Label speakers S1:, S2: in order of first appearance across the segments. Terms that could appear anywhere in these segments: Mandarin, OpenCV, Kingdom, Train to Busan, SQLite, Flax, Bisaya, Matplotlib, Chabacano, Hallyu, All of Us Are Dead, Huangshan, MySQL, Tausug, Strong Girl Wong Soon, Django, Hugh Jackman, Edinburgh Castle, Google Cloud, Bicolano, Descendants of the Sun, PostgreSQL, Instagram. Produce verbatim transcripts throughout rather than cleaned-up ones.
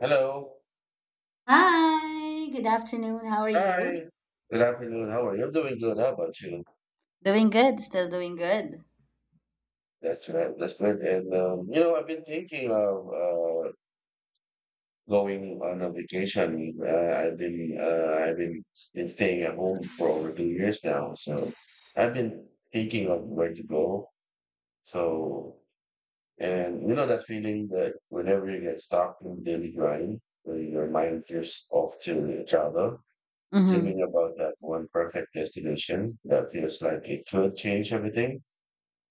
S1: Hello.
S2: Hi, good afternoon. How are you?
S1: Hi. Good afternoon. How are you? I'm doing good. How about you?
S2: Doing good, still doing good.
S1: That's right. That's good. And um, you know, I've been thinking of uh, going on a vacation. Uh, I've been uh, I've been been staying at home for over two years now, so I've been thinking of where to go. So, and you know that feeling that whenever you get stuck in daily grind, uh, your mind drifts off to travel.
S2: Mm-hmm.
S1: Dreaming about that one perfect destination that feels like it could change everything.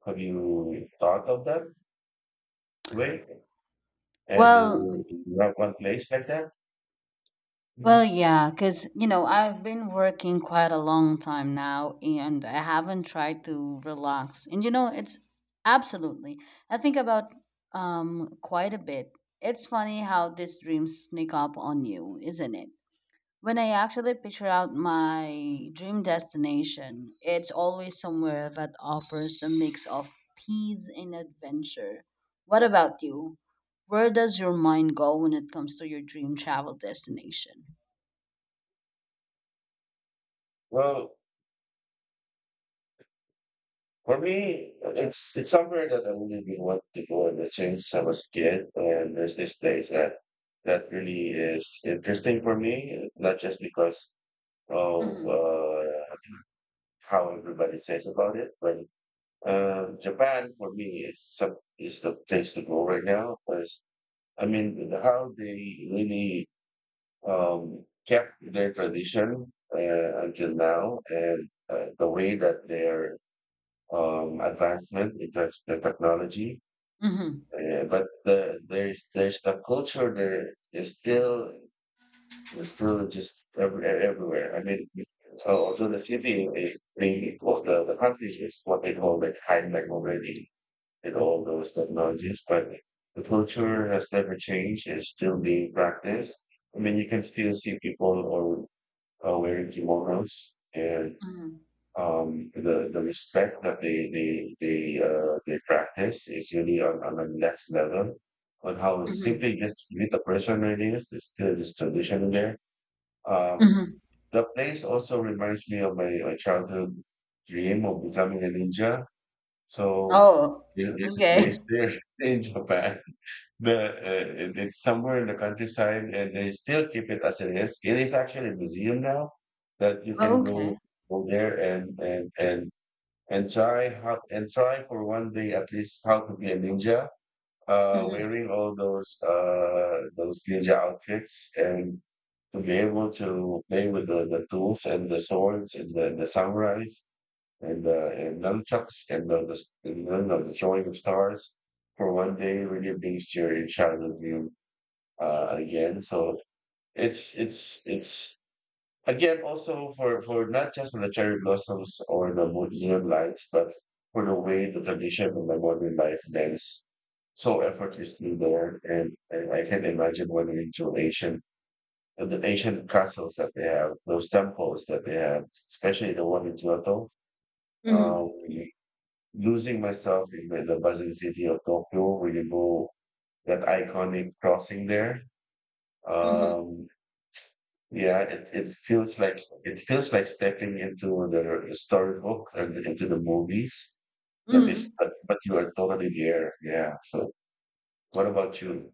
S1: Have you thought of that way? And do
S2: Well,
S1: you do you have one place like that?
S2: well,
S1: Mm.
S2: yeah, because, you know, I've been working quite a long time now and I haven't tried to relax. And, you know, it's absolutely, I think about um quite a bit. It's funny how these dreams sneak up on you, isn't it? When I actually picture out my dream destination, it's always somewhere that offers a mix of peace and adventure. What about you? Where does your mind go when it comes to your dream travel destination?
S1: Well, for me, it's it's somewhere that I have really been wanting to go ever since I was a kid, and there's this place that that really is interesting for me, not just because of
S2: Mm-hmm.
S1: uh, how everybody says about it, but Uh, Japan for me is some, is the place to go right now because I mean the- how they really um, kept their tradition uh, until
S2: Mm-hmm.
S1: now and uh, the way that their um, advancement in terms of the technology, uh, but the, there's there's the culture there is still is still just every, everywhere. I mean, so so the city is the, well, the the country is what they call like Heinlein already and all those technologies, but the culture has never changed. It's still being practiced. I mean, you can still see people are, are wearing kimonos and
S2: Mm-hmm.
S1: um, the, the respect that they, they, they, uh, they practice is really on, on the next level. On how
S2: Mm-hmm.
S1: simply just meet the person it is, there's still this tradition in there. Um,
S2: Mm-hmm.
S1: the place also reminds me of my, my childhood dream of becoming a ninja so
S2: Oh,
S1: you there's a place
S2: okay.
S1: there in Japan. The uh, it- it's somewhere in the countryside, and they still keep it as it is. It is actually a museum now that you can go
S2: Okay.
S1: go there and and and and try how and try for one day at least how to be a ninja, uh,
S2: Mm-hmm.
S1: wearing all those uh those ninja outfits and to be able to play with the, the tools and the swords and the, the samurais and uh, and nunchucks and none the and none of the throwing of stars for one day really brings your childhood view uh, again. So it's it's it's again also for for not just for the cherry blossoms or the mo- neon lights, but for the way the tradition and the modern life dance so effortlessly there. And, and I can imagine when we into Asian and the ancient castles that they have, those temples that they have, especially the one in Kyoto. Um,
S2: Mm-hmm.
S1: Losing myself in the the buzzing city of Tokyo when you go that iconic crossing there. Um, yeah, it, it feels like it feels like stepping into the storybook and into the movies. That
S2: Mm-hmm.
S1: is, but, but you are totally there. Yeah. So, what about you?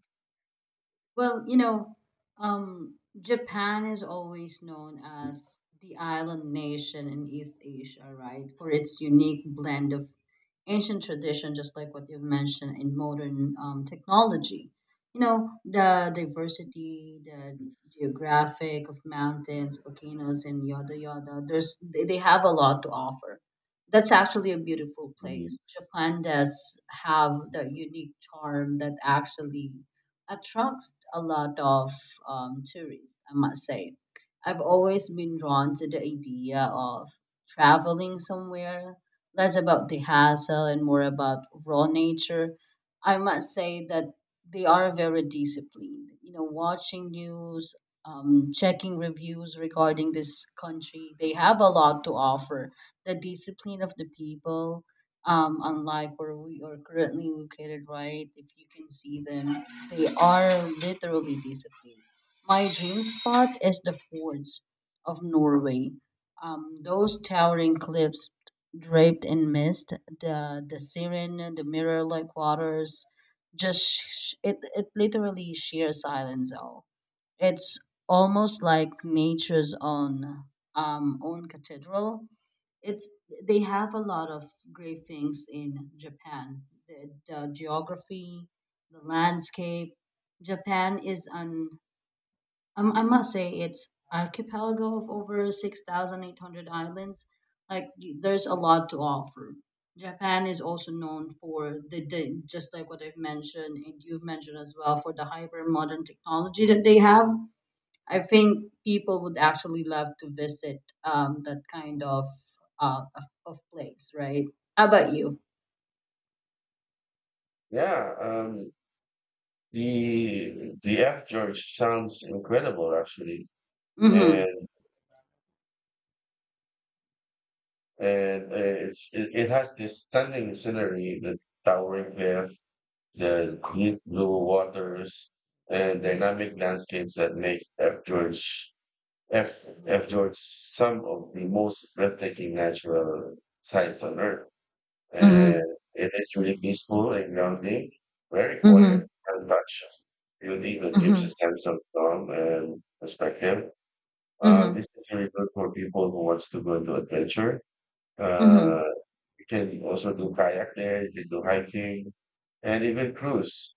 S2: Well, you know, um, Japan is always known as the island nation in East Asia, right? For its unique blend of ancient tradition, just like what you've mentioned, and modern um, technology. You know, the diversity, the geographic of mountains, volcanoes, and yada yada. There's they, they have a lot to offer. That's actually a beautiful
S1: Mhm.
S2: place. Japan does have the unique charm that actually attracts a lot of um, tourists, I must say. I've always been drawn to the idea of traveling somewhere, less about the hassle and more about raw nature. I must say that they are very disciplined. You know, watching news, um, checking reviews regarding this country, they have a lot to offer. The discipline of the people, um, unlike where we are currently located, right? If you can see them, they are literally disciplined. My dream spot is the fjords of Norway. Um, those towering cliffs draped in mist, the the siren, the mirror-like waters, just sh- it it literally sheer silence. All it's almost like nature's own um, own cathedral. It's they have a lot of great things in Japan. The, the geography, the landscape. Japan is an um, I must say it's archipelago of over six thousand eight hundred islands. Like y- there's a lot to offer. Japan is also known for the, the just like what I've mentioned and you've mentioned as well for the hyper modern technology that they have. I think people would actually love to visit um, that kind of, uh, of of place, right? How about you?
S1: Yeah, um, the the F George sounds incredible actually,
S2: Mm-hmm.
S1: and and uh, it's it, it has this stunning scenery, the towering cliff,
S2: Mm-hmm.
S1: the deep blue waters and dynamic landscapes that make F. George F. F. George some of the most breathtaking natural sights on Earth. And
S2: Mm-hmm.
S1: it is really peaceful and grounding, very
S2: Mm-hmm.
S1: quiet and much beauty that gives a
S2: Mm-hmm.
S1: sense of calm and perspective. Uh,
S2: Mm-hmm.
S1: this is really good for people who wants to go into adventure.
S2: Mm-hmm.
S1: Uh, you can also do kayak there, you can do hiking, and even cruise.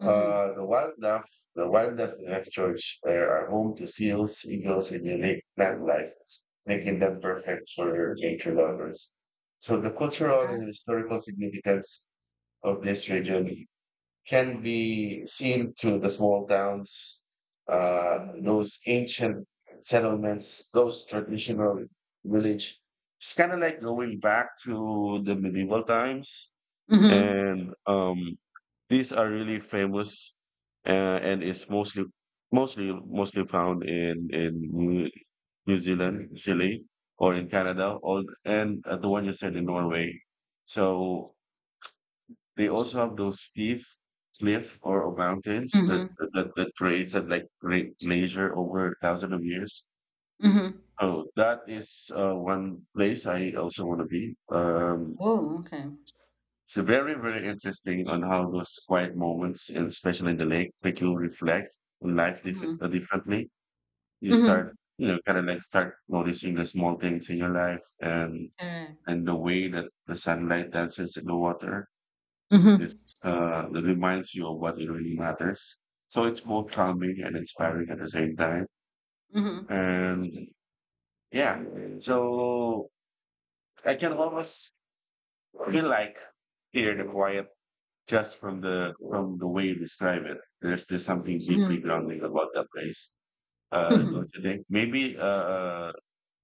S2: Mm-hmm.
S1: Uh, the wildlife, the wildlife in Lake George uh, are home to seals, eagles, and unique plant life, making them perfect for nature lovers. So the cultural and
S2: Yeah.
S1: historical significance of this region can be seen through the small towns, uh,
S2: Mm-hmm.
S1: those ancient settlements, those traditional village. It's kind of like going back to the medieval times
S2: Mm-hmm.
S1: and um, these are really famous, uh, and is mostly mostly mostly found in in New, New Zealand, Chile, or in Canada, or and uh, the one you said in Norway. So they also have those steep cliff or, or mountains that
S2: Mm-hmm.
S1: that that creates that like great glacier over thousands of years.
S2: Mm-hmm.
S1: Oh, that is uh, one place I also want to be. Um,
S2: Oh, okay.
S1: It's very, very interesting on how those quiet moments, and especially in the lake, make you reflect on life dif-
S2: Mm-hmm.
S1: uh, differently. You
S2: Mm-hmm.
S1: start, you know, kind of like start noticing the small things in your life and
S2: Correct.
S1: and the way that the sunlight dances in the water.
S2: Mm-hmm.
S1: It's uh, it reminds you of what it really matters. So it's both calming and inspiring at the same time. And yeah, so I can almost feel like hear the quiet just from the from the way you describe it, there's there's something deeply
S2: Mm-hmm.
S1: grounding about that place. Uh, don't
S2: Mm-hmm.
S1: you think? Maybe uh, uh,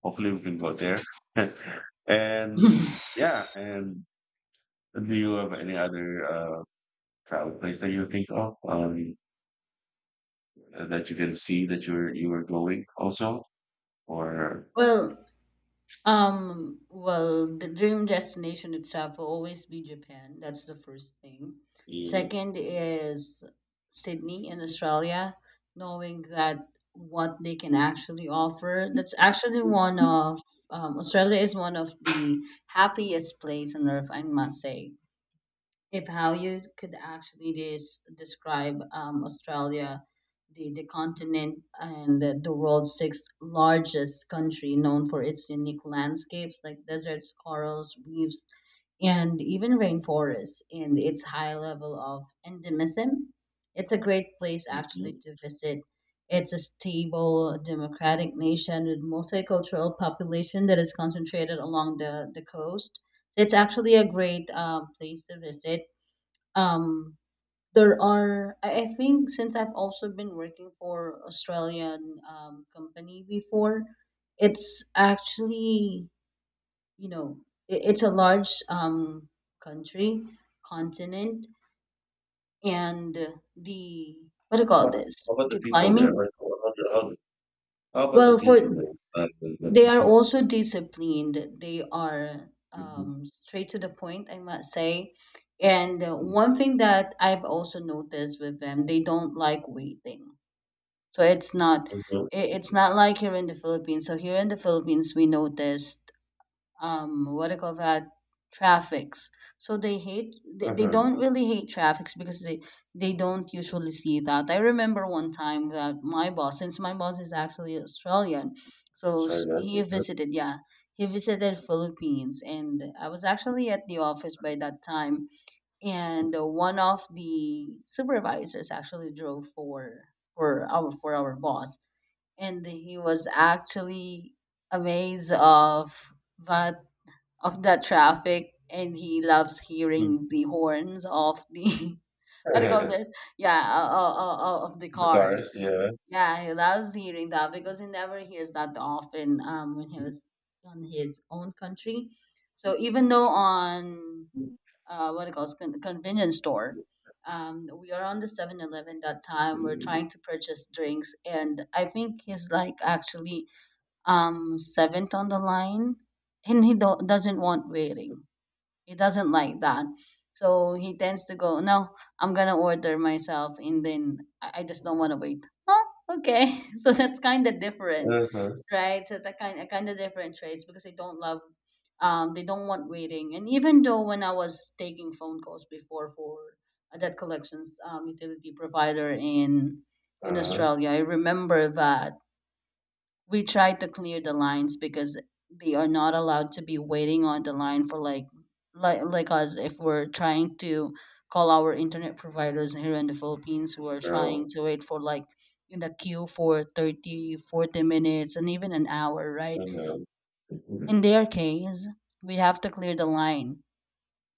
S1: hopefully we can go there. And yeah, and do you have any other uh, travel place that you think of um, that you can see that you're you were going also, or
S2: well, Um, well, the dream destination itself will always be Japan. That's the first thing.
S1: you,
S2: Second is Sydney in Australia, knowing that what they can actually offer. That's actually one of um, Australia is one of the happiest place on earth, I must say if how you could actually des- describe um, Australia, the, the continent and the, the world's sixth largest country, known for its unique landscapes like deserts, corals, reefs, and even rainforests, and its high level of endemism. It's a great place actually
S1: Mhm.
S2: to visit. It's a stable, democratic nation with multicultural population that is concentrated along the, the coast. So it's actually a great uh place to visit. um there are, I, I think since I've also been working for Australian um, company before, it's actually, you know, it, it's a large um country, continent, and the, what do you
S1: how
S2: call
S1: about
S2: this,
S1: how about the
S2: the
S1: people there?
S2: climate.
S1: Like, how, how, how how about the
S2: Well,
S1: people
S2: for,
S1: there? Uh, the-
S2: they are
S1: the-
S2: also disciplined. They are um, straight to the point, I must say. And uh, one thing that I've also noticed with them, they don't like waiting. So it's not,
S1: Mhm.
S2: it it's not like here in the Philippines. So here in the Philippines, we noticed, um what do you call that, traffics. So they hate they, they
S1: Uh-huh.
S2: don't really hate traffics because they they don't usually see that. I remember one time that my boss, since my boss is actually Australian, so
S1: I
S2: s-
S1: know,
S2: he
S1: mhm.
S2: visited, yeah, he visited Philippines, and I was actually at the office by that time. And uh, one of the supervisors actually drove for for our for our boss, and he was actually amazed of that of that traffic, and he loves hearing
S1: Mhm.
S2: the horns of the what do you call this, yeah, uh, uh, uh, of the
S1: The
S2: cars.
S1: cars, yeah.
S2: Yeah, he loves hearing that because he never hears that often um when he was on his own country. So even though on, uh, what it calls, con- convenience store. Um, we are on the Seven Eleven that time. We're trying to purchase drinks, and I think he's like actually um seventh on the line, and he do- doesn't want waiting. He doesn't like that. So he tends to go, no, I'm gonna order myself, and then I, I just don't wanna wait. Oh, okay. So that's kinda different,
S1: Uh-huh,
S2: right? So that kind of kinda different traits because they don't love um they don't want waiting. And even though when I was taking phone calls before for a debt collections um, utility provider in in
S1: uh-huh.
S2: Australia, I remember that we try to clear the lines because they are not allowed to be waiting on the line for like like like us, if we're trying to call our internet providers here in the Philippines, who are trying
S1: So,
S2: to wait for like in the queue for thirty forty minutes and even an hour, right?
S1: mhm, mhm,
S2: In their case, we have to clear the line,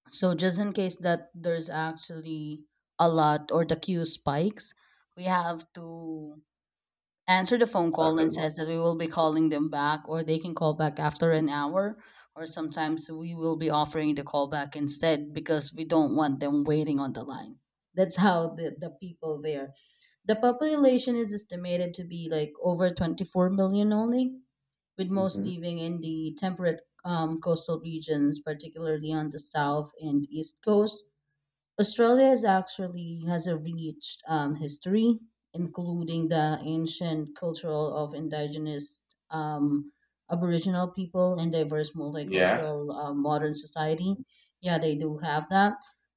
S2: so just in case that there's actually a lot, or the queue spikes, we have to answer the phone call and
S1: chocolate milk.
S2: says that we will be calling them back, or they can call back after an hour, or sometimes we will be offering the call back instead because we don't want them waiting on the line. That's how the, the people there, the population is estimated to be like over twenty-four million only, with most
S1: Mhm.
S2: living in the temperate um, coastal regions, particularly on the south and east coast. Australia is actually has a rich um, history, including the ancient cultural of indigenous um, Aboriginal people, and diverse
S1: Yeah,
S2: multicultural uh, modern society. Yeah, they do have that.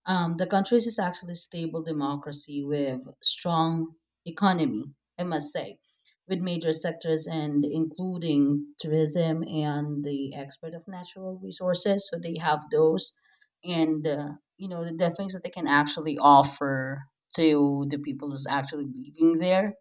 S2: Um, the country is actually stable democracy with strong economy, I must say, with major sectors and including tourism and the export of natural resources. So they have those. And uh, you know the, the things that they can actually offer to the people who's actually living there.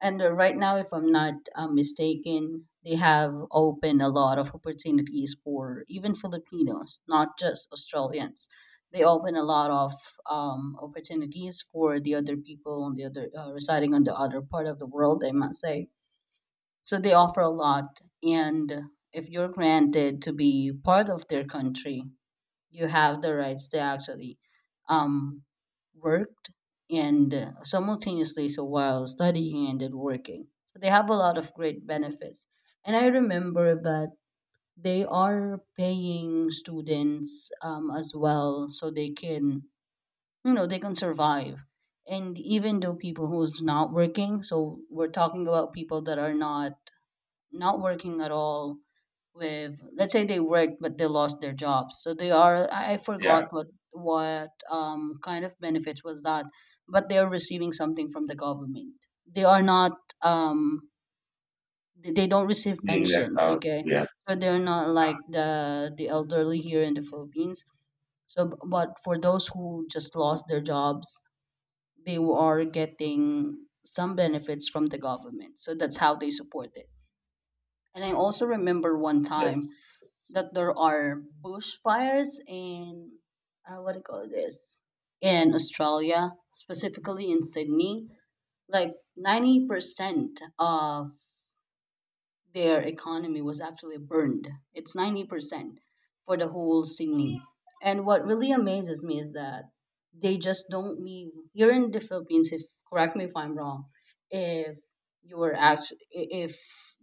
S2: And uh, right now, if I'm not uh, mistaken, they have opened a lot of opportunities for even Filipinos, not just Australians. They open a lot of um, opportunities for the other people on the other, uh, residing on the other part of the world, I must say. So they offer a lot. And if you're granted to be part of their country, you have the rights to actually um, worked, and uh, simultaneously, so while studying and then working, so they have a lot of great benefits. And I remember that they are paying students um, as well, so they can, you know, they can survive. And even though people who's not working, so we're talking about people that are not, not working at all, with, let's say they worked but they lost their jobs, so they are, i I forgot
S1: yeah,
S2: what what um, kind of benefits was that, but they are receiving something from the government. They are not um, they they don't receive
S1: being left
S2: pensions,
S1: out.
S2: okay?
S1: Yeah,
S2: So they're not like the the elderly here in the Philippines. So b- but for those who just lost their jobs, they are getting some benefits from the government. So that's how they support it. And I also remember one time
S1: yes.
S2: that there are bushfires in, uh, what do you call this, in Australia, specifically in Sydney. Like ninety percent of their economy was actually burned. It's ninety percent for the whole Sydney. And what really amazes me is that they just don't leave. Here in the Philippines, if, correct me if I'm wrong, if you were actually, if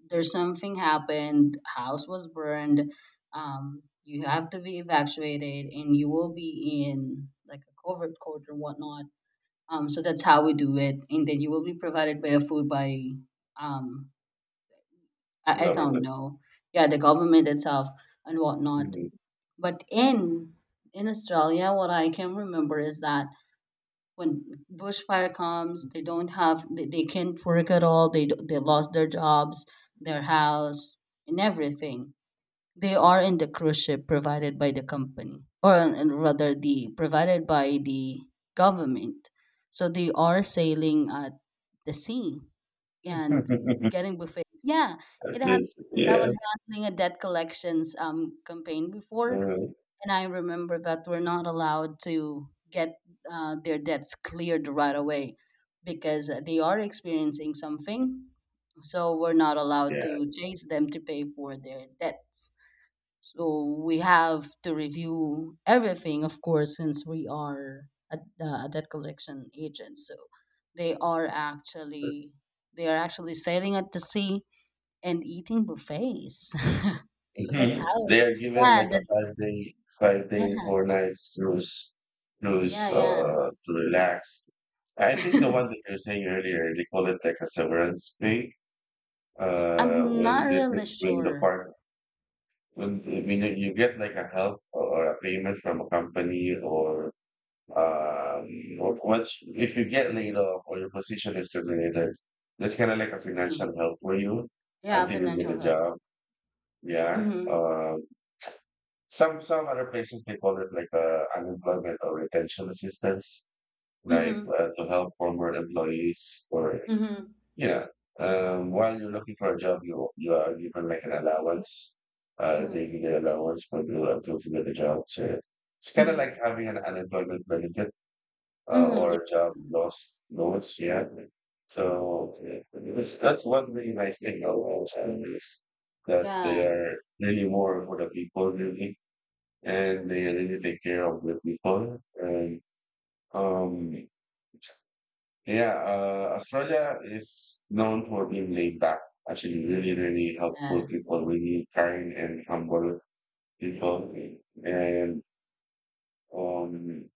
S2: there's something happened, house was burned, um, you have to be evacuated and you will be in like a covert court or whatnot. Um, so that's how we do it. And then you will be provided by a food by, um, I, I don't
S1: Government.
S2: know. Yeah, the government itself and whatnot.
S1: Mhm.
S2: But in in Australia, what I can remember is that when bushfire comes, they don't have they, they can't work at all. They d- they lost their jobs, their house, and everything. They are in the cruise ship provided by the company, or and rather, the provided by the government. So they are sailing at the sea and getting buffets. Yeah,
S1: At
S2: it happened
S1: least,
S2: because I
S1: yeah,
S2: was handling a debt collections um campaign before,
S1: mhm,
S2: and I remember that we're not allowed to get uh, their debts cleared right away because they are experiencing something. So we're not allowed
S1: yeah.
S2: to chase them to pay for their debts. So we have to review everything, of course, since we are a, uh, a debt collection agent. So they are actually, they are actually sailing at the sea and eating buffets. So that's
S1: Mhm.
S2: how.
S1: They are given
S2: Yeah,
S1: like a
S2: that's
S1: five day, five
S2: yeah,
S1: day, four nights cruise,
S2: yeah,
S1: cruise
S2: yeah.
S1: uh, to relax. I think the one that you were saying earlier, they call it like a severance pay. Uh,
S2: I'm not
S1: when this
S2: really
S1: is when the
S2: sure.
S1: part when when you you get like a help or a payment from a company or um or once if you get laid off or your position is terminated, that's kind of like a
S2: Mhm.
S1: financial help for you
S2: Yeah,
S1: until you get
S2: financial
S1: a
S2: help.
S1: job. Yeah.
S2: Mhm.
S1: Um, Some some other places they call it like uh, unemployment or retention assistance, like
S2: Mhm.
S1: uh, to help former employees or
S2: Mhm.
S1: yeah. Um, while you're looking for a job, you you are given like an allowance. Uh, they
S2: Mhm.
S1: give you an allowance when you until to get a job. So it's kind of
S2: Mhm.
S1: like having an unemployment benefit uh,
S2: Mhm. Yeah.
S1: or job loss loans. Yeah. So this, that's one really nice thing about Los Angeles that they
S2: Yeah.
S1: are really more for the people, really and they
S2: Correct.
S1: really take care of the people. And um, yeah, uh, Australia is known for being laid back. Actually, really, really
S2: Yeah.
S1: helpful people, really kind and humble people. And um,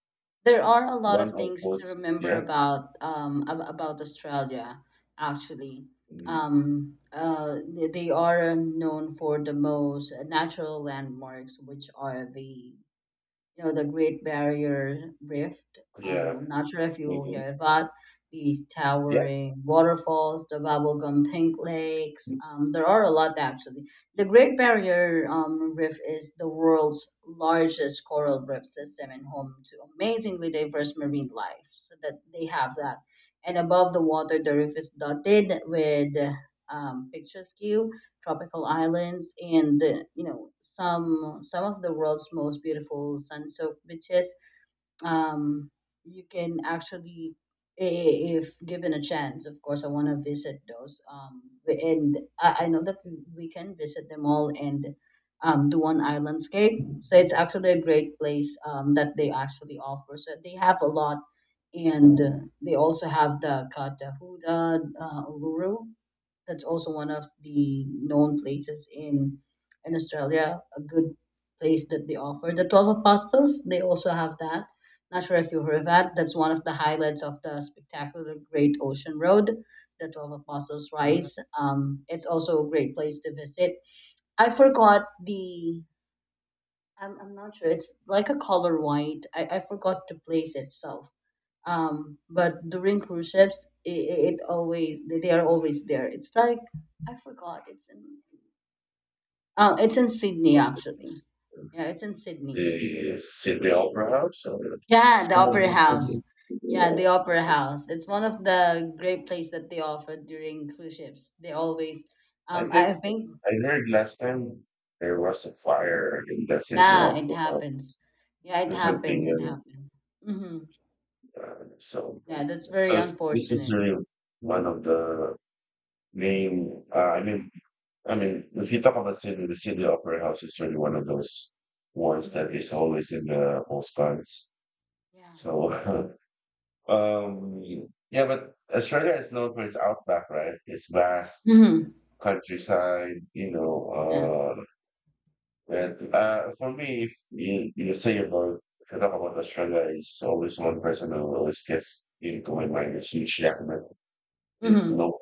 S2: There are a lot of
S1: one of
S2: things to
S1: those,
S2: remember
S1: yeah,
S2: about um, ab- about Australia, actually.
S1: mm,
S2: Um, uh, they they are known for the most natural landmarks, which are the you know, the Great Barrier Rift. Um,
S1: yeah,
S2: I'm not sure if you
S1: mhm,
S2: hear that. These
S1: yeah.
S2: towering waterfalls, the bubblegum pink lakes. Um, there are a lot actually. The Great Barrier um, Reef is the world's largest coral reef system and home to amazingly diverse marine life. So that they have that. And above the water, the reef is dotted with um, picturesque tropical islands and uh, you know some some of the world's most beautiful sun-soaked beaches. um, you can actually, i- i- if given a chance, of course, I want to visit those, um, and I, I know that we we can visit them all and, um, do one island scape. So it's actually a great place um, that they actually offer, so they have a lot. And uh, they also have the Katahuda uh, Uluru. That's also one of the known places in in Australia, a good place that they offer. The twelve apostles, they also have that, not sure if you heard of that. That's one of the highlights of the spectacular Great Ocean Road, the Twelve Apostles
S1: Yeah,
S2: Rise. Um, it's also a great place to visit. I forgot the. I'm, I'm not sure. It's like a color white. I, I forgot the place itself. Um, but during cruise ships, it, it always, they are always there. It's like I forgot. It's in. Uh, it's in Sydney
S1: what is
S2: actually.
S1: this?
S2: Yeah, it's in Sydney.
S1: The Sydney Opera House or
S2: Yeah, the
S1: someone
S2: Opera House.
S1: who's
S2: Yeah, the Opera House. It's one of the great places that they offer during cruise ships. They always,
S1: I
S2: um,
S1: think
S2: I think,
S1: I heard last time there was a fire in the Sydney
S2: yeah, it
S1: Opera
S2: happens.
S1: house
S2: Yeah, it
S1: or
S2: happens. It
S1: something.
S2: happens. Mm-hmm.
S1: And, uh, so,
S2: Yeah, that's very
S1: so this, this is
S2: unfortunate.
S1: really one of the main. Uh, I mean, I mean, if you talk about Sydney, the Sydney opera house is really one of those ones that
S2: Mm-hmm.
S1: is always in the postcards.
S2: Yeah.
S1: So, um, yeah, but Australia is known for its outback, right? Its vast
S2: Mm-hmm.
S1: countryside, you
S2: Yeah.
S1: know, uh, and uh, for me, if you, you say about if you talk about Australia, it's always one person who always gets into my mind. It's Hugh Jackman. He's
S2: Mm-hmm.
S1: not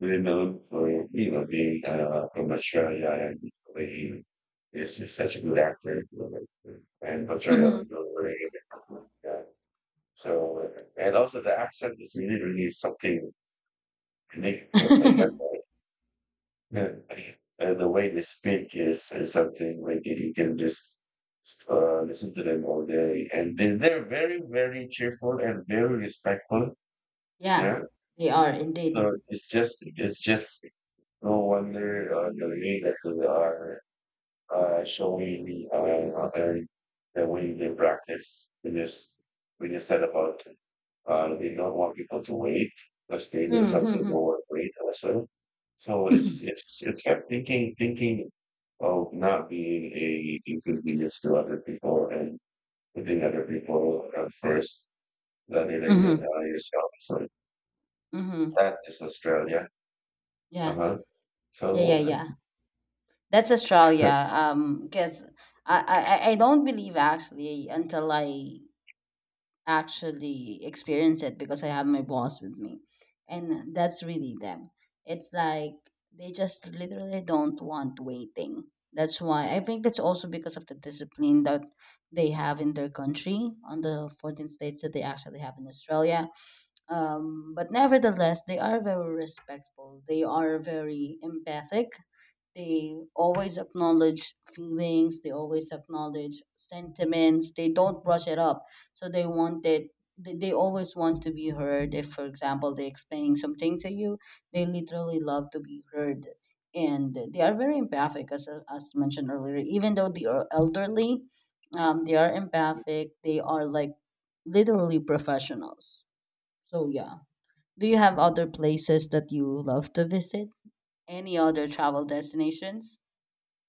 S1: really known for you know being uh, from Australia and the way he is just such a good actor and portrayal of
S2: Mm-hmm.
S1: the way, uh, so and also the accent is really really something unique for like that. Yeah. And the way they speak is, is something like you you can just uh, listen to them all day. And they, they're very, very cheerful and very respectful.
S2: Yeah,
S1: Yeah.
S2: they are indeed.
S1: So it's just, it's just no wonder uh, you're really that who they are uh, showing uh, other the way they practice. We just we just said about uh, we don't want people to wait because they did something
S2: Mm-hmm.
S1: more wait also. So it's it's it's kept thinking thinking of not being a inconvenience to other people and putting other people uh, first rather than
S2: Mm-hmm.
S1: uh, yourself. So
S2: Mm-hmm.
S1: that is Australia. Uh
S2: Yeah.
S1: huh.
S2: Yeah. Yeah.
S1: So
S2: Yeah. That's Australia. Um, because I, I I I don't believe actually until I actually experience it, because I have my boss with me, and that's really them. It's like they just literally don't want waiting. That's why I think that's also because of the discipline that they have in their country, on the fourteen states that they actually have in Australia. Um, but nevertheless, they are very respectful. They are very empathic. They always acknowledge feelings, they always acknowledge sentiments, they don't brush it up. So they want that, they they always want to be heard. If, for example, they explain something to you, they literally love to be heard. And they are very empathic as, as mentioned earlier. Even though they are elderly, um, they are empathic, they are like literally professionals. So yeah, do you have other places that you love to visit, any other travel destinations?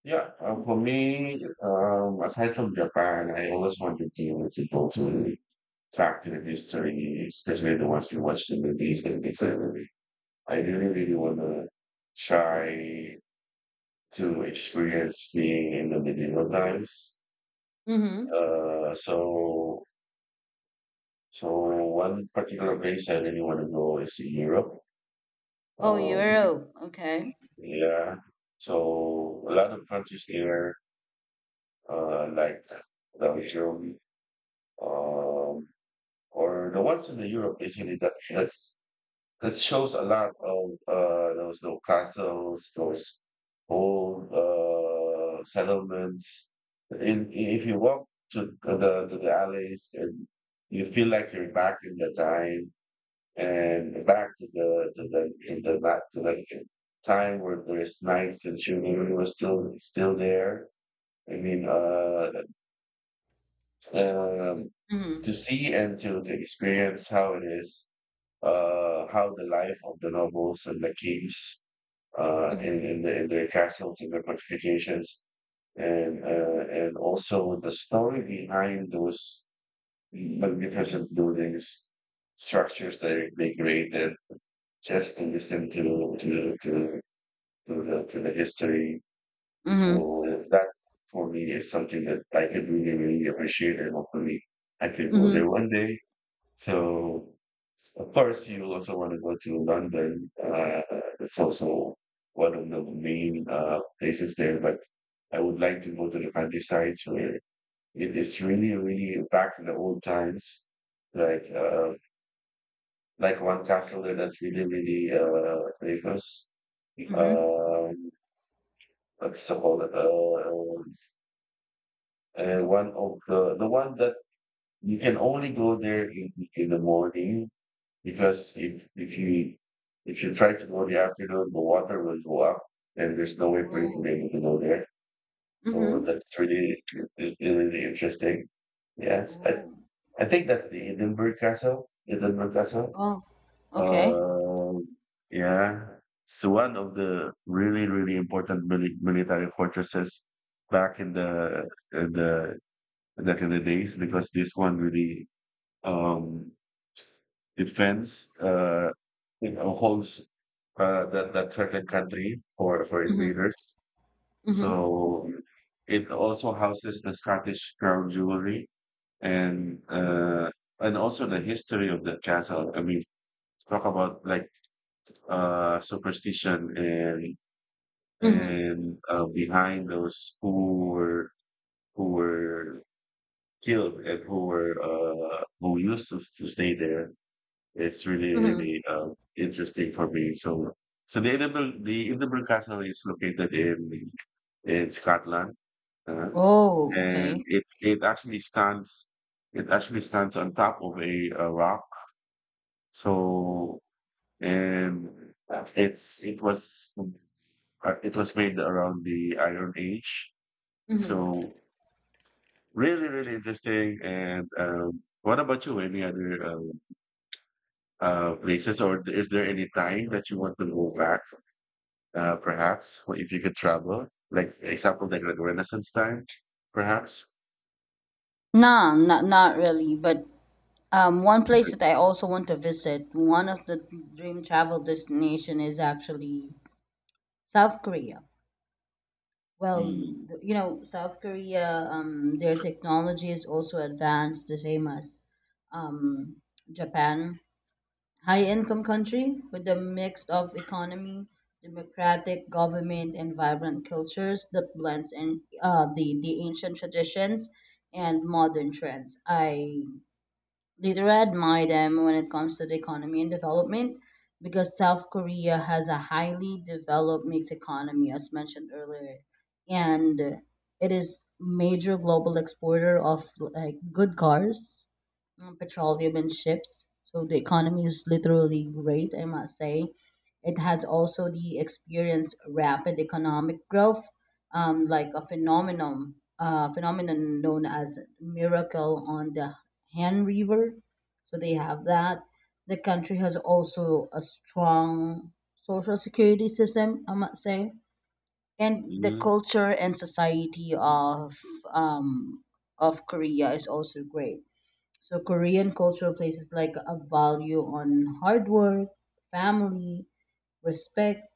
S1: Yeah, uh, for me, um, aside from Japan, I always wanted to, to go to back to the history, especially the ones you watch the movies and it's a movie. I really, really want to try to experience being in the medieval times.
S2: Mhm.
S1: Uh, so, so one particular place I really want to go is in Europe.
S2: Oh,
S1: Um,
S2: Europe. Okay.
S1: yeah, so a lot of countries there, uh, like Belgium. Um, or the ones in the Europe basically that that's that shows a lot of uh those little castles, those old uh settlements. In, in if you walk to the to the alleys, and you feel like you're back in the time and back to the to the to the back to the time where there's knights and chivalry was still still there. I mean, uh, um,
S2: Mhm.
S1: to see and to, to experience how it is, uh, how the life of the nobles and the kings, uh,
S2: Mhm.
S1: in, in, the, in their castles and their fortifications, and uh, and also the story behind those magnificent buildings, structures that they created, just to listen to to to to the to the history.
S2: Mhm.
S1: So that for me is something that I could really, really appreciate, and hopefully I could go there
S2: Mhm.
S1: one day. So of course you also want to go to London. Uh, it's also one of the main uh, places there, but I would like to go to the countryside where it is really, really back in the old times. Like uh, like one castle there that's really, really uh famous.
S2: Mhm.
S1: Um what's it called? Uh uh,
S2: Mhm.
S1: one of the the one that you can only go there in, in the morning, because if if you if you try to go in the afternoon, the water will go up, and there's no way for you to be
S2: Oh.
S1: able to go there. So
S2: Mhm.
S1: that's really, it- it really interesting. Yes, I,
S2: Oh.
S1: I think that's the Edinburgh Castle. Edinburgh Castle.
S2: Oh. Okay.
S1: Uh, yeah, it's one of the really, really important mili- military fortresses back in the in the back in the days, because this one really um, defends, uh, you know, holds, uh, that that certain country for for
S2: Mhm.
S1: invaders.
S2: Mhm.
S1: So it also houses the Scottish crown jewelry, and uh, and also the history of the castle. I mean, talk about like uh, superstition and
S2: Mhm.
S1: and uh, behind those who were who were killed and who were, uh, who used to, to stay there. It's really
S2: Mhm.
S1: really uh, interesting for me. So so the Edinburgh, the Edinburgh Castle is located in in Scotland, uh,
S2: Oh.
S1: and
S2: Okay.
S1: it it actually stands, it actually stands on top of a, uh rock. So and it's it was, uh, it was made around the Iron Age.
S2: Mhm.
S1: So really really interesting. And um, what about you? Any other? Um, uh, places, or is there any time that you want to go back? Uh, perhaps, well, if you could travel, like example, like, like Renaissance time, perhaps.
S2: Nah, not not really. But um, one place that I also want to visit, one of the dream travel destination, is actually South Korea. Well,
S1: Mm,
S2: th- you know, South Korea, um, their technology is also advanced, the same as um, Japan. High income country with a mix of economy, democratic government, and vibrant cultures that blends in uh, the, the ancient traditions and modern trends. I Later, I admire them when it comes to the economy and development, because South Korea has a highly developed mixed economy, as mentioned earlier, and it is major global exporter of like good cars, um, petroleum, and ships. So the economy is literally great, I must say. It has also the experienced rapid economic growth, um, like a phenomenon, uh, phenomenon known as miracle on the Han River. So they have that. The country has also a strong social security system, I must say. And the
S1: mm,
S2: culture and society of um, of Korea is also great. So Korean cultural places like a value on hard work, family, respect,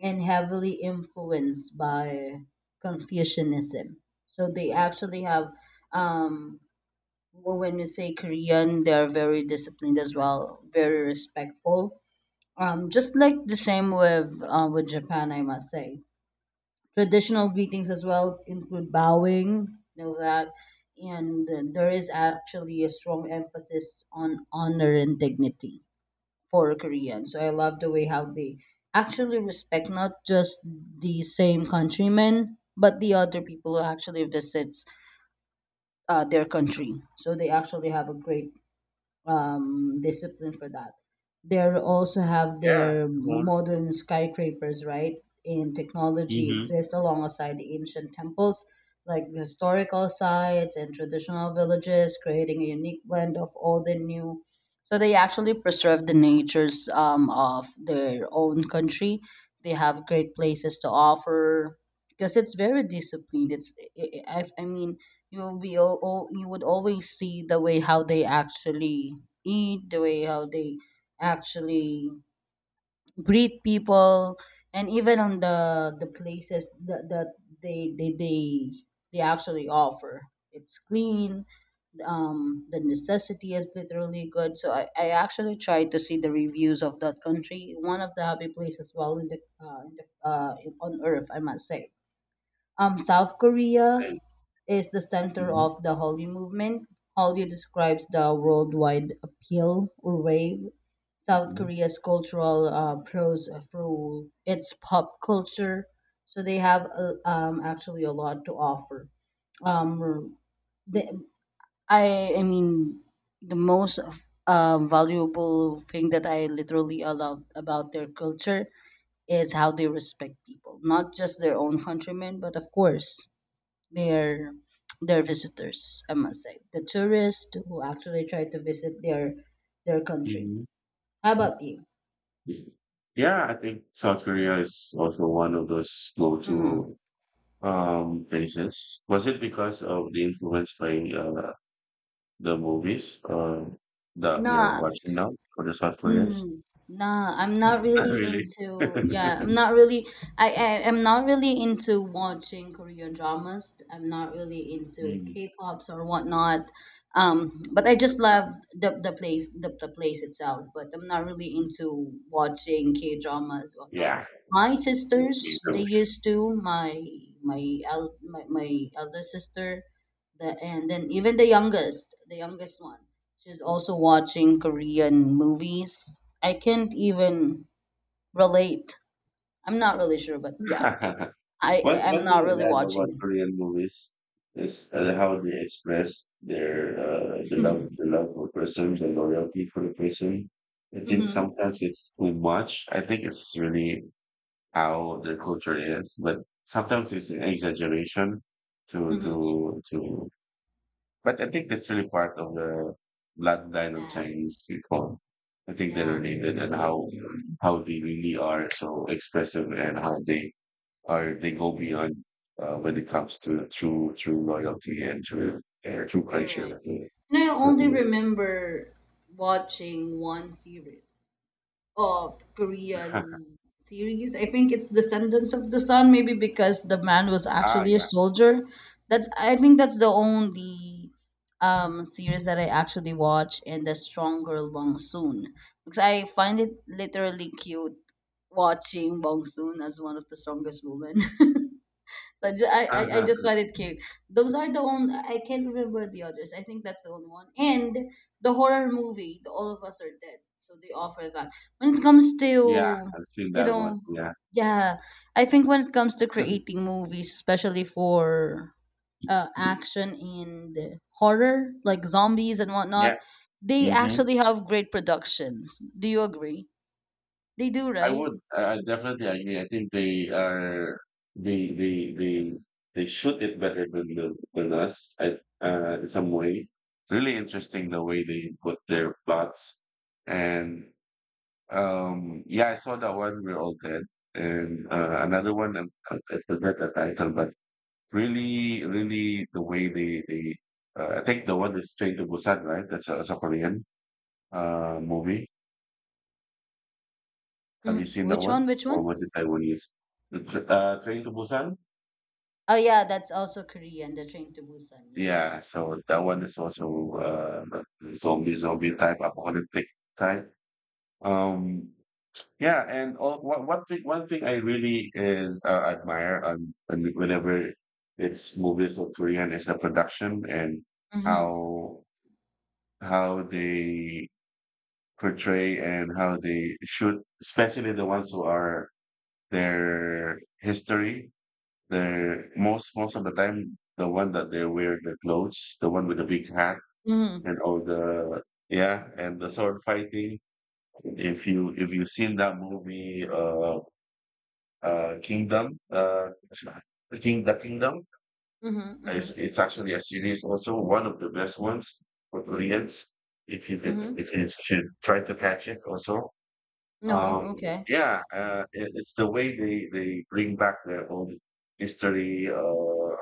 S2: and heavily influenced by Confucianism. So they actually have, um, well, when you say Korean, they are very disciplined as well, very respectful. Um, just like the same with uh, with Japan, I must say. Traditional greetings as well include bowing, know that, and uh, there is actually a strong emphasis on honor and dignity for Korean. So I love the way how they actually respect not just the same countrymen, but the other people who actually visits uh, their country. So they actually have a great um, discipline for that. They also have
S1: yeah.
S2: their
S1: Come on.
S2: modern skyscrapers, right? And technology
S1: Mm-hmm.
S2: exists alongside the ancient temples, like historical sites and traditional villages, creating a unique blend of old and new. So they actually preserve the natures um, of their own country. They have great places to offer because it's very disciplined. It's I, I I mean, you will be all, you would always see the way how they actually eat, the way how they actually greet people, and even on the the places that, that they they they they actually offer. It's clean. Um, the necessity is literally good. So I, I actually tried to see the reviews of that country. One of the happy places, well, in the uh, in the, uh, on Earth, I must say. Um, South Korea is the center
S1: hmm
S2: of the Hallyu movement. Hallyu describes the worldwide appeal or wave South Korea's cultural uh, prose through its pop culture. So they have uh, um, actually a lot to offer. Um, the, I I mean, the most um, valuable thing that I literally love about their culture is how they respect people, not just their own countrymen, but of course their their visitors, I must say, the tourists who actually try to visit their their country.
S1: hmm
S2: How
S1: hmm
S2: about you?
S1: Yeah, I think South Korea is also one of those
S2: Mm.
S1: go-to um places. Was it because of the influence by, uh, the movies, uh, that we're
S2: No,
S1: watching now for the South Koreans?
S2: Mm, nah, I'm not really
S1: Really?
S2: into, yeah, I'm not really, I, I am not really into watching Korean dramas. I'm not really into
S1: Mm.
S2: K-pops or whatnot. Um, but I just love the the place, the, the place itself. But I'm not really into watching K-dramas or whatnot.
S1: Yeah,
S2: My
S1: me
S2: sisters, they
S1: too.
S2: used to, my my el my, my elder sister, the and then even the youngest, the youngest one. She's also watching Korean movies. I can't even relate. I'm not really sure, but yeah, I
S1: One
S2: I'm
S1: one thing
S2: not
S1: I
S2: really
S1: love about
S2: watching
S1: Korean movies is, uh, how they express their, uh, the love
S2: it.
S1: the love for person, the loyalty for the person. I think
S2: Mm-hmm.
S1: sometimes it's too much. I think it's really how the culture is, but sometimes it's an exaggeration to
S2: Mm-hmm.
S1: to to but I think that's really part of the bloodline of
S2: Yeah,
S1: Chinese people. I think they're
S2: yeah,
S1: related, and how how they really are so expressive and how they are, they go beyond, uh, when it comes to true true loyalty and true, uh, true
S2: correct.
S1: culture.
S2: And I
S1: So
S2: only remember watching one series. Of Korean series. I think it's Descendants of the Sun, maybe because the man was
S1: ah
S2: actually a
S1: yeah
S2: soldier. That's, I think that's the only um series that I actually watch, and the strong girl Wong Soon. Because I find it literally cute watching Wong Soon as one of the strongest women. So I, ju- I, I, I just find it cute. Those are the only, I can't remember the others. I think that's the only one. And the horror movie, the All of Us Are Dead. So they offer that. When it comes
S1: yeah
S2: to,
S1: I've seen
S2: you
S1: that one
S2: know,
S1: yeah
S2: yeah, I think when it comes to creating movies, especially for uh, action and horror, like zombies and whatnot,
S1: yeah.
S2: they
S1: hmm
S2: actually have great productions. Do you agree? They do,
S1: I
S2: right?
S1: would. I I definitely agree. I think they are, they they they they shoot it better than the, than us. I, uh, in some way, really interesting the way they put their plots. And um, yeah, I saw that one, We're All Dead, and uh, another one. um, I, I forgot the title, but really, really the way they they. Uh, I think the one is Train to Busan, right? That's a, that's a Korean, uh, movie. Have you
S2: Mhm.
S1: seen that
S2: Which
S1: one?
S2: one? Which
S1: Or
S2: one?
S1: was it Taiwanese? The tr- uh, Train to Busan?
S2: Oh yeah, that's also Korean. The Train to Busan. Yeah, that's
S1: Yeah, so that one is also, uh, zombie zombie type apocalyptic type. Um, yeah, and all, what, one thing one thing I really is, uh, admire on, on whenever it's movies of Korean is the production, and
S2: Mhm.
S1: how how they portray and how they shoot, especially the ones who are their history. They most most of the time, the one that they wear the clothes, the one with the big hat
S2: Mhm.
S1: and all the, yeah, and the sword fighting. If you if you've seen that movie, uh, uh, Kingdom, uh, King the Kingdom,
S2: Mhm. Mhm.
S1: it's it's actually a series also, one of the best ones for Koreans. If you could, if
S2: Mhm.
S1: you should try to catch it also.
S2: No,
S1: Um,
S2: okay.
S1: yeah, uh, it, it's the way they they bring back their own history. Uh,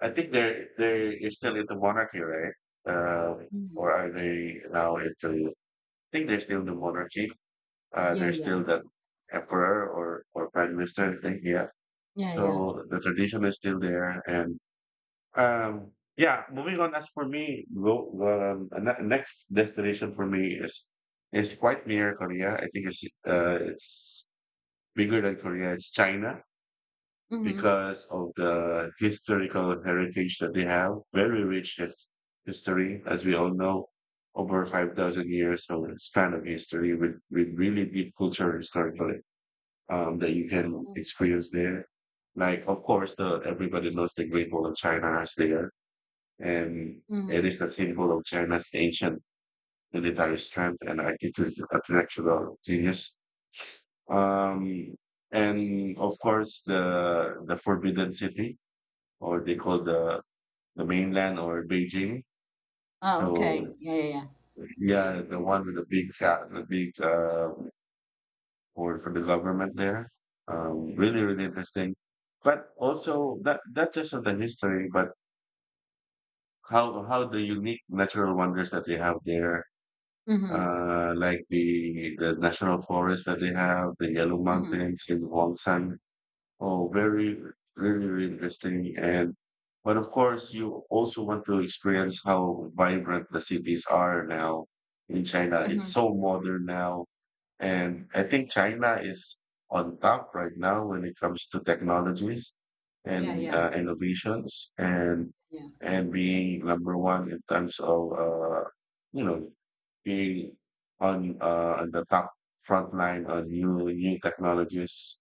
S1: I think they're, they are still in the monarchy, right? Uh,
S2: Mhm.
S1: or are they now into? I think they're still in the monarchy. Uh,
S2: Yeah,
S1: they're
S2: yeah.
S1: still the emperor or or prime minister. I think yeah.
S2: Yeah, yeah.
S1: So the tradition is still there, and um, yeah. Moving on, as for me, go um, ano- next destination for me is is quite near Korea. I think it's uh it's bigger than Korea. It's China,
S2: Mhm.
S1: because of the historical heritage that they have. Very rich his- history, as we all know, over five thousand years of span of history, with, with really deep culture historically, um, that you can
S2: Mm.
S1: experience there. Like, of course, the, everybody knows the Great Wall of China is there, and it
S2: Mhm.
S1: is the symbol of China's ancient military strength and architectural architectural genius. Um, and of course, the the Forbidden City, or they call the the mainland or Beijing.
S2: Ah, okay.
S1: So
S2: Yeah, yeah, yeah.
S1: yeah, the one with the big cat, the big, uh, board for the government there. Um, really, really interesting. But also that that, just not the history, but how how the unique natural wonders that they have there.
S2: Mhm.
S1: Uh, like the the national forest that they have, the Yellow
S2: Mhm.
S1: Mountains in Huangshan. Oh, very, very, very interesting. And but of course, you also want to experience how vibrant the cities are now in China. It's
S2: Mhm.
S1: so modern now, and I think China is on top right now when it comes to technologies
S2: Yeah,
S1: and,
S2: yeah.
S1: uh, innovations, and
S2: Yeah.
S1: and being number one in terms of, uh, you know, being on, uh, on the top front line on new new technologies,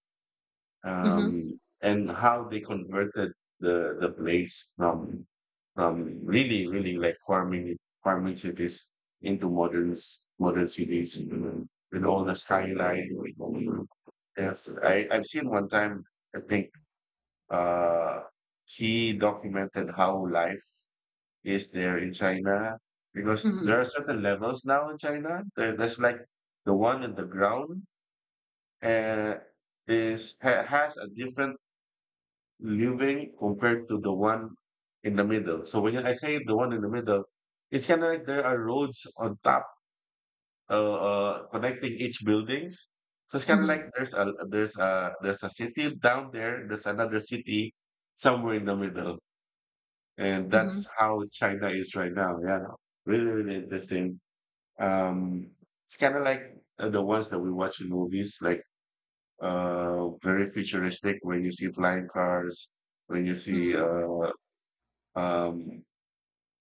S2: Mhm.
S1: um, and how they converted the the place from from really really like farming farming cities into modern s- modern cities, mm, with all the skyline, with all- the- Yes, I I've seen one time. I think, uh, he documented how life is there in China, because there
S2: Mhm.
S1: are certain levels now in China. There, there's like the one in the ground, uh, is ha, has a different living compared to the one in the middle. So when I say the one in the middle, it's kind of like there are roads on top, uh, uh, connecting each buildings. So it's kind of
S2: Mhm.
S1: like there's a there's a there's a city down there. There's another city somewhere in the middle, and
S2: Mhm.
S1: that's how China is right now. Yeah, no, really, really interesting. Um, it's kind of like, uh, the ones that we watch in movies, like, uh, very futuristic, when you see flying cars, when you see,
S2: Mhm.
S1: uh, um,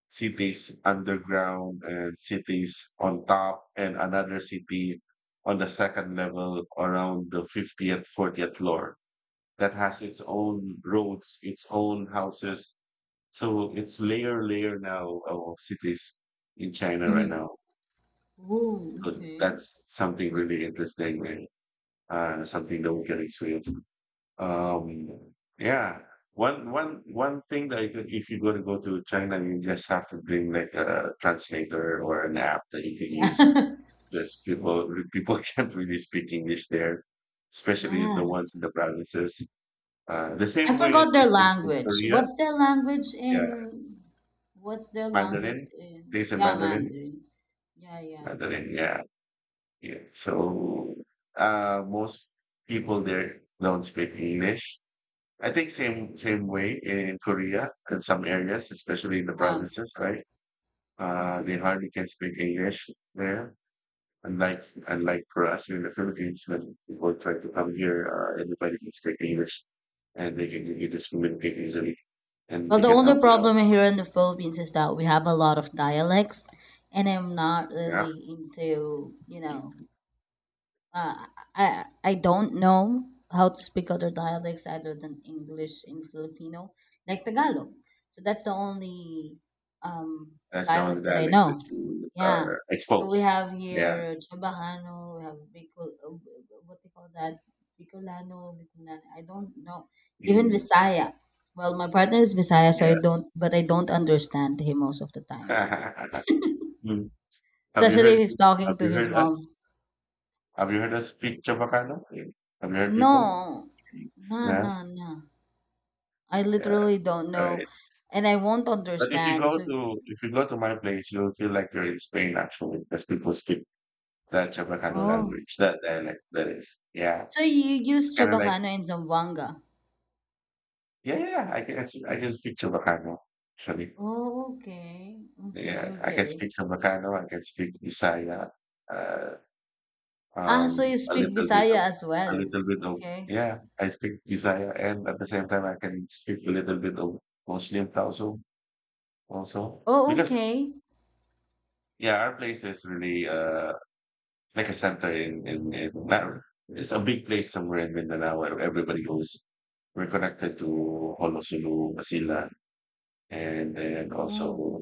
S1: cities underground, and cities on top, and another city on the second level around the fiftieth, fortieth floor that has its own roads, its own houses. So it's layer, layer now of cities in China right
S2: Mhm.
S1: now.
S2: Whoa,
S1: So
S2: okay.
S1: that's something really interesting, and, uh, something that we can experience. Um, yeah. One one one thing that you could, if you're going to go to China, you just have to bring like a translator or an app that you can use.
S2: Yeah.
S1: Just people people can't really speak English there, especially
S2: Yeah.
S1: the ones in the provinces. Uh, the
S2: I
S1: same way I
S2: forgot their
S1: think in, in
S2: language.
S1: Korea,
S2: What's their language
S1: yeah,
S2: in what's their language
S1: Mandarin.
S2: in,
S1: They say
S2: yeah,
S1: Mandarin,
S2: Mandarin. Yeah, yeah.
S1: Mandarin, yeah, yeah. So, uh, most people there don't speak English. I think same same way in Korea in some areas, especially in the
S2: Ah.
S1: provinces, right? Uh, they
S2: Mhm.
S1: hardly can speak English there. Unlike unlike for us here in the Philippines, when people try to come here, uh, everybody can speak English, and they can, you just communicate easily and
S2: Well,
S1: they
S2: the
S1: can help
S2: only
S1: you out.
S2: problem here in the Philippines is that we have a lot of dialects, and I'm not
S1: Yeah,
S2: really into, you know, uh, I I don't know how to speak other dialects other than English in Filipino, like Tagalog. So that's the only um,
S1: that's the only
S2: dialect that I
S1: dialect that
S2: know.
S1: you
S2: Yeah.
S1: are
S2: So we
S1: exposed.
S2: have
S1: Yeah,
S2: here Chabahano, we have Bicol, uh, what they call that? Bicolano, Bicolano. I don't know. Even
S1: mm,
S2: Visaya. Well, my partner is Visaya, so I don't, but I don't understand him most of the time.
S1: yeah. Mm. Have you
S2: Especially
S1: heard?
S2: if he's talking
S1: Have
S2: to
S1: you
S2: his
S1: heard us?
S2: mom.
S1: Have you heard us speak Chabacano? Have you heard people?
S2: No, no,
S1: Yeah.
S2: no, no. I
S1: Yeah,
S2: literally don't
S1: all
S2: know,
S1: right.
S2: and I won't
S1: But if you
S2: understand.
S1: go
S2: So,
S1: to if you go to my place, you'll feel like you're in Spain actually, because people speak that Chabacano
S2: oh,
S1: language, that dialect that is. Yeah,
S2: so you
S1: it's
S2: use
S1: kind of like
S2: Chabacano and Zamboanga?
S1: yeah, yeah. I can I can speak Chabacano actually.
S2: Oh, okay, okay,
S1: Yeah, I can
S2: okay.
S1: speak Chabacano. I can speak Bisaya. Uh,
S2: Ah,
S1: um,
S2: so you
S1: a
S2: speak
S1: little bit
S2: Bisaya
S1: of
S2: as
S1: a
S2: well?
S1: little bit of
S2: Okay.
S1: yeah. I speak Bisaya, and at the same time, I can speak a little bit of Muslim Tausug also,
S2: Oh,
S1: because
S2: okay.
S1: yeah, our place is really uh like a center in in, in Manila, it's a big place somewhere in Mindanao where everybody goes. We're connected to Honolulu, Basila, and then
S2: Oh,
S1: also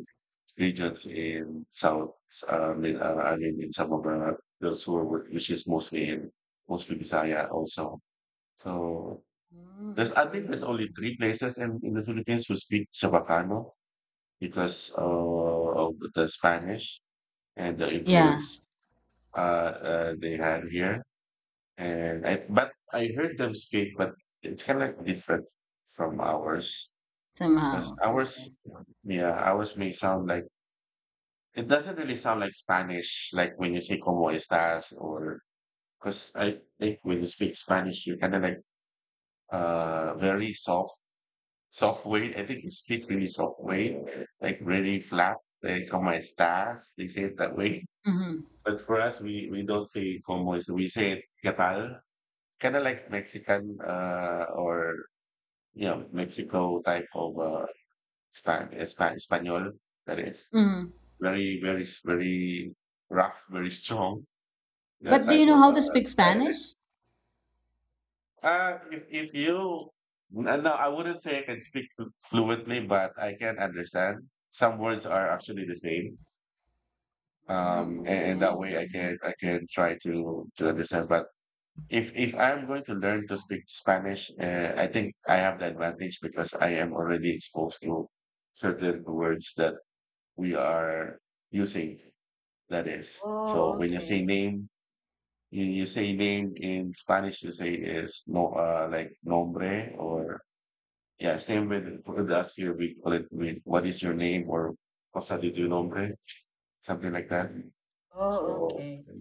S1: regions in South. Uh, Min- uh, I mean, in some of uh, those who are work, which is mostly in mostly Bisaya also. So
S2: mm,
S1: there's, I
S2: okay,
S1: think there's only
S2: okay.
S1: three places in, in the Philippines who speak Chabacano because uh, of the Spanish and the
S2: Yeah,
S1: influence uh, uh, they had here. And I, but I heard them speak, but it's kind of different from ours. Because
S2: somehow.
S1: ours,
S2: Okay.
S1: yeah, ours may sound like, it doesn't really sound like Spanish, like when you say "cómo estás." Or because I think when you speak Spanish, you kind of like uh very soft, soft way. I think you speak really soft way, like really flat, like "cómo estás." They say it that way,
S2: Mm-hmm.
S1: but for us, we we don't say "cómo is," we say "qué tal." Kind of like Mexican uh, or yeah, with Mexico type of uh, Span Span Espanol that is
S2: Mm-hmm.
S1: very very very rough, very strong. That
S2: But do you
S1: type
S2: know
S1: of
S2: how
S1: uh,
S2: to speak
S1: dialect.
S2: Spanish?
S1: Uh, if if you, no, no, I wouldn't say I can speak flu- fluently, but I can understand. Some words are actually the same.
S2: Mm,
S1: Um, and, and
S2: okay.
S1: that way I can I can try to to understand. But if if I'm going to learn to speak Spanish, uh, I think I have the advantage because I am already exposed to certain words that we are using. That is. So
S2: Oh,
S1: when you say
S2: okay.
S1: name, you, you say name in Spanish, you say is no, uh, like nombre. Or yeah, same with for the us here, we call it with what is your name, or cosa de tu nombre, something like that.
S2: Oh,
S1: So
S2: okay.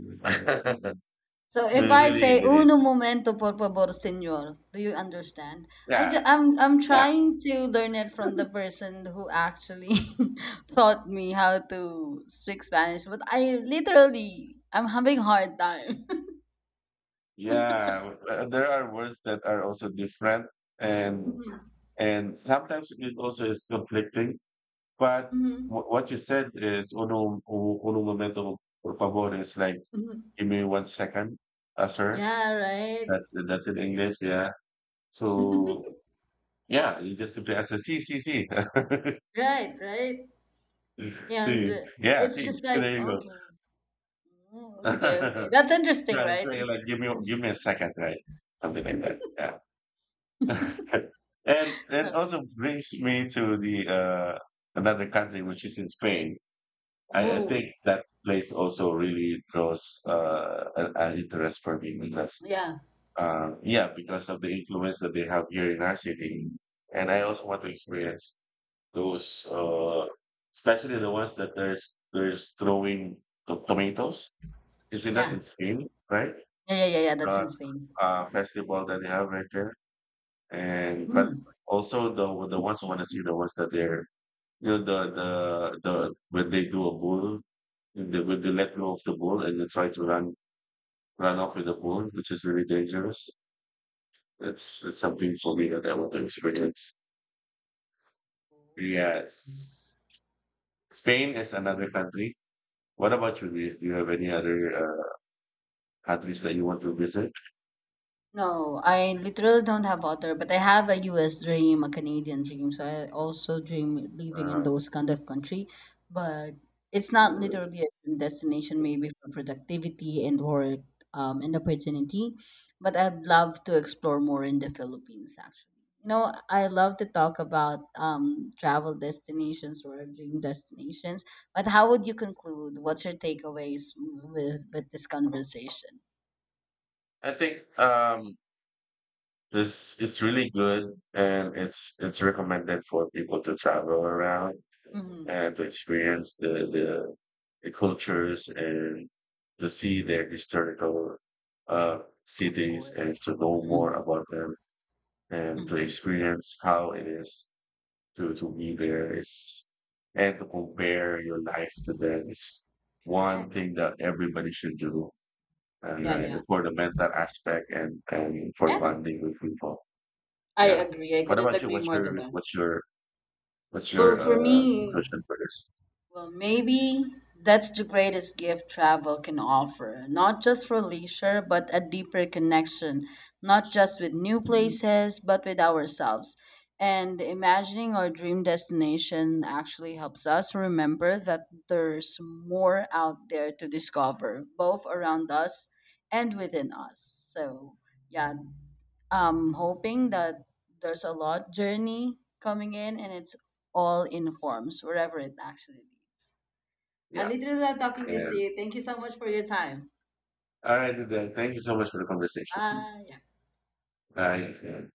S2: So if I
S1: really,
S2: say
S1: really,
S2: uno momento por favor, señor, do you understand? I
S1: yeah,
S2: ju- I'm I'm
S1: yeah,
S2: trying to learn it from the person who actually taught me how to speak Spanish, but I literally I'm having hard time.
S1: yeah. Uh, There are words that are also different, and
S2: Mhm,
S1: and sometimes it also is conflicting. But wh-
S2: mhm,
S1: what you said is un, un, un momento, por favor, is like,
S2: mhm.
S1: give me one second, uh, sir.
S2: Yeah, right.
S1: That's that's in English, yeah. So yeah, you just simply answer see, see, see.
S2: Right, right. And
S1: See.
S2: uh,
S1: Yeah,
S2: it's
S1: see.
S2: just like,
S1: There you go.
S2: okay, oh, okay, okay. That's interesting,
S1: Right. It's
S2: right?
S1: like,
S2: It's
S1: like give me give me a
S2: interesting.
S1: second, right? Something like that. Yeah. And and
S2: So,
S1: also brings me to the uh another country, which is in Spain. I, I think
S2: oh,
S1: that place also really draws uh, an, an interest for me because,
S2: yeah,
S1: uh, yeah, because of the influence that they have here in our city. And I also want to experience those, uh, especially the ones that there's there's throwing to- tomatoes. Isn't that
S2: yeah,
S1: in Spain, right?
S2: yeah, yeah, yeah, yeah. That's
S1: The
S2: in Spain.
S1: uh, festival that they have right there, and but
S2: Mm.
S1: also the the ones I want to see, the ones that they're, you know, the the the when they do a bull, they when they let go of the bull and they try to run run off with the bull, which is really dangerous. That's that's something for me that I want to experience.
S2: Oh. Okay.
S1: Yes, Spain is another country. What about you? Luis? Do you have any other uh, countries that you want to visit?
S2: No, I literally don't have other, but I have a U S dream, a Canadian dream. So I also dream living in
S1: Uh,
S2: those kind of country, but it's not literally a dream destination, maybe for productivity and work, um, and opportunity. But I'd love to explore more in the Philippines, actually. You know, I love to talk about um travel destinations or dream destinations, but how would you conclude? What's your takeaways with with this conversation?
S1: I think um, this, it's really good and it's it's recommended for people to travel around
S2: Mhm.
S1: and to experience the, the the cultures, and to see their historical uh,
S2: Of
S1: cities, and
S2: course.
S1: to know more
S2: Mhm.
S1: about them, and to
S2: Mhm.
S1: experience how it is to, to be there. It's, and to compare your life to them is one
S2: Correct.
S1: thing that everybody should do. And
S2: Yeah,
S1: uh,
S2: yeah.
S1: for the mental aspect, and, and for
S2: Yeah,
S1: bonding with people.
S2: I
S1: Yeah.
S2: agree. I
S1: What
S2: couldn't
S1: about you?
S2: agree
S1: What's
S2: more to
S1: your,
S2: that.
S1: what's your, what's
S2: Well,
S1: your,
S2: for
S1: uh,
S2: me,
S1: conclusion for this?
S2: well, maybe that's the greatest gift travel can offer, not just for leisure, but a deeper connection, not just with new
S1: Mm.
S2: places, but with ourselves. And imagining our dream destination actually helps us remember that there's more out there to discover, both around us and within us. So, yeah, I'm hoping that there's a lot journey coming in, and it's all in forms, wherever it actually leads. I
S1: Yeah.
S2: literally love talking this to
S1: And
S2: you. Thank you so much for your time.
S1: all right, then. Thank you so much for the conversation.
S2: Bye.
S1: Bye.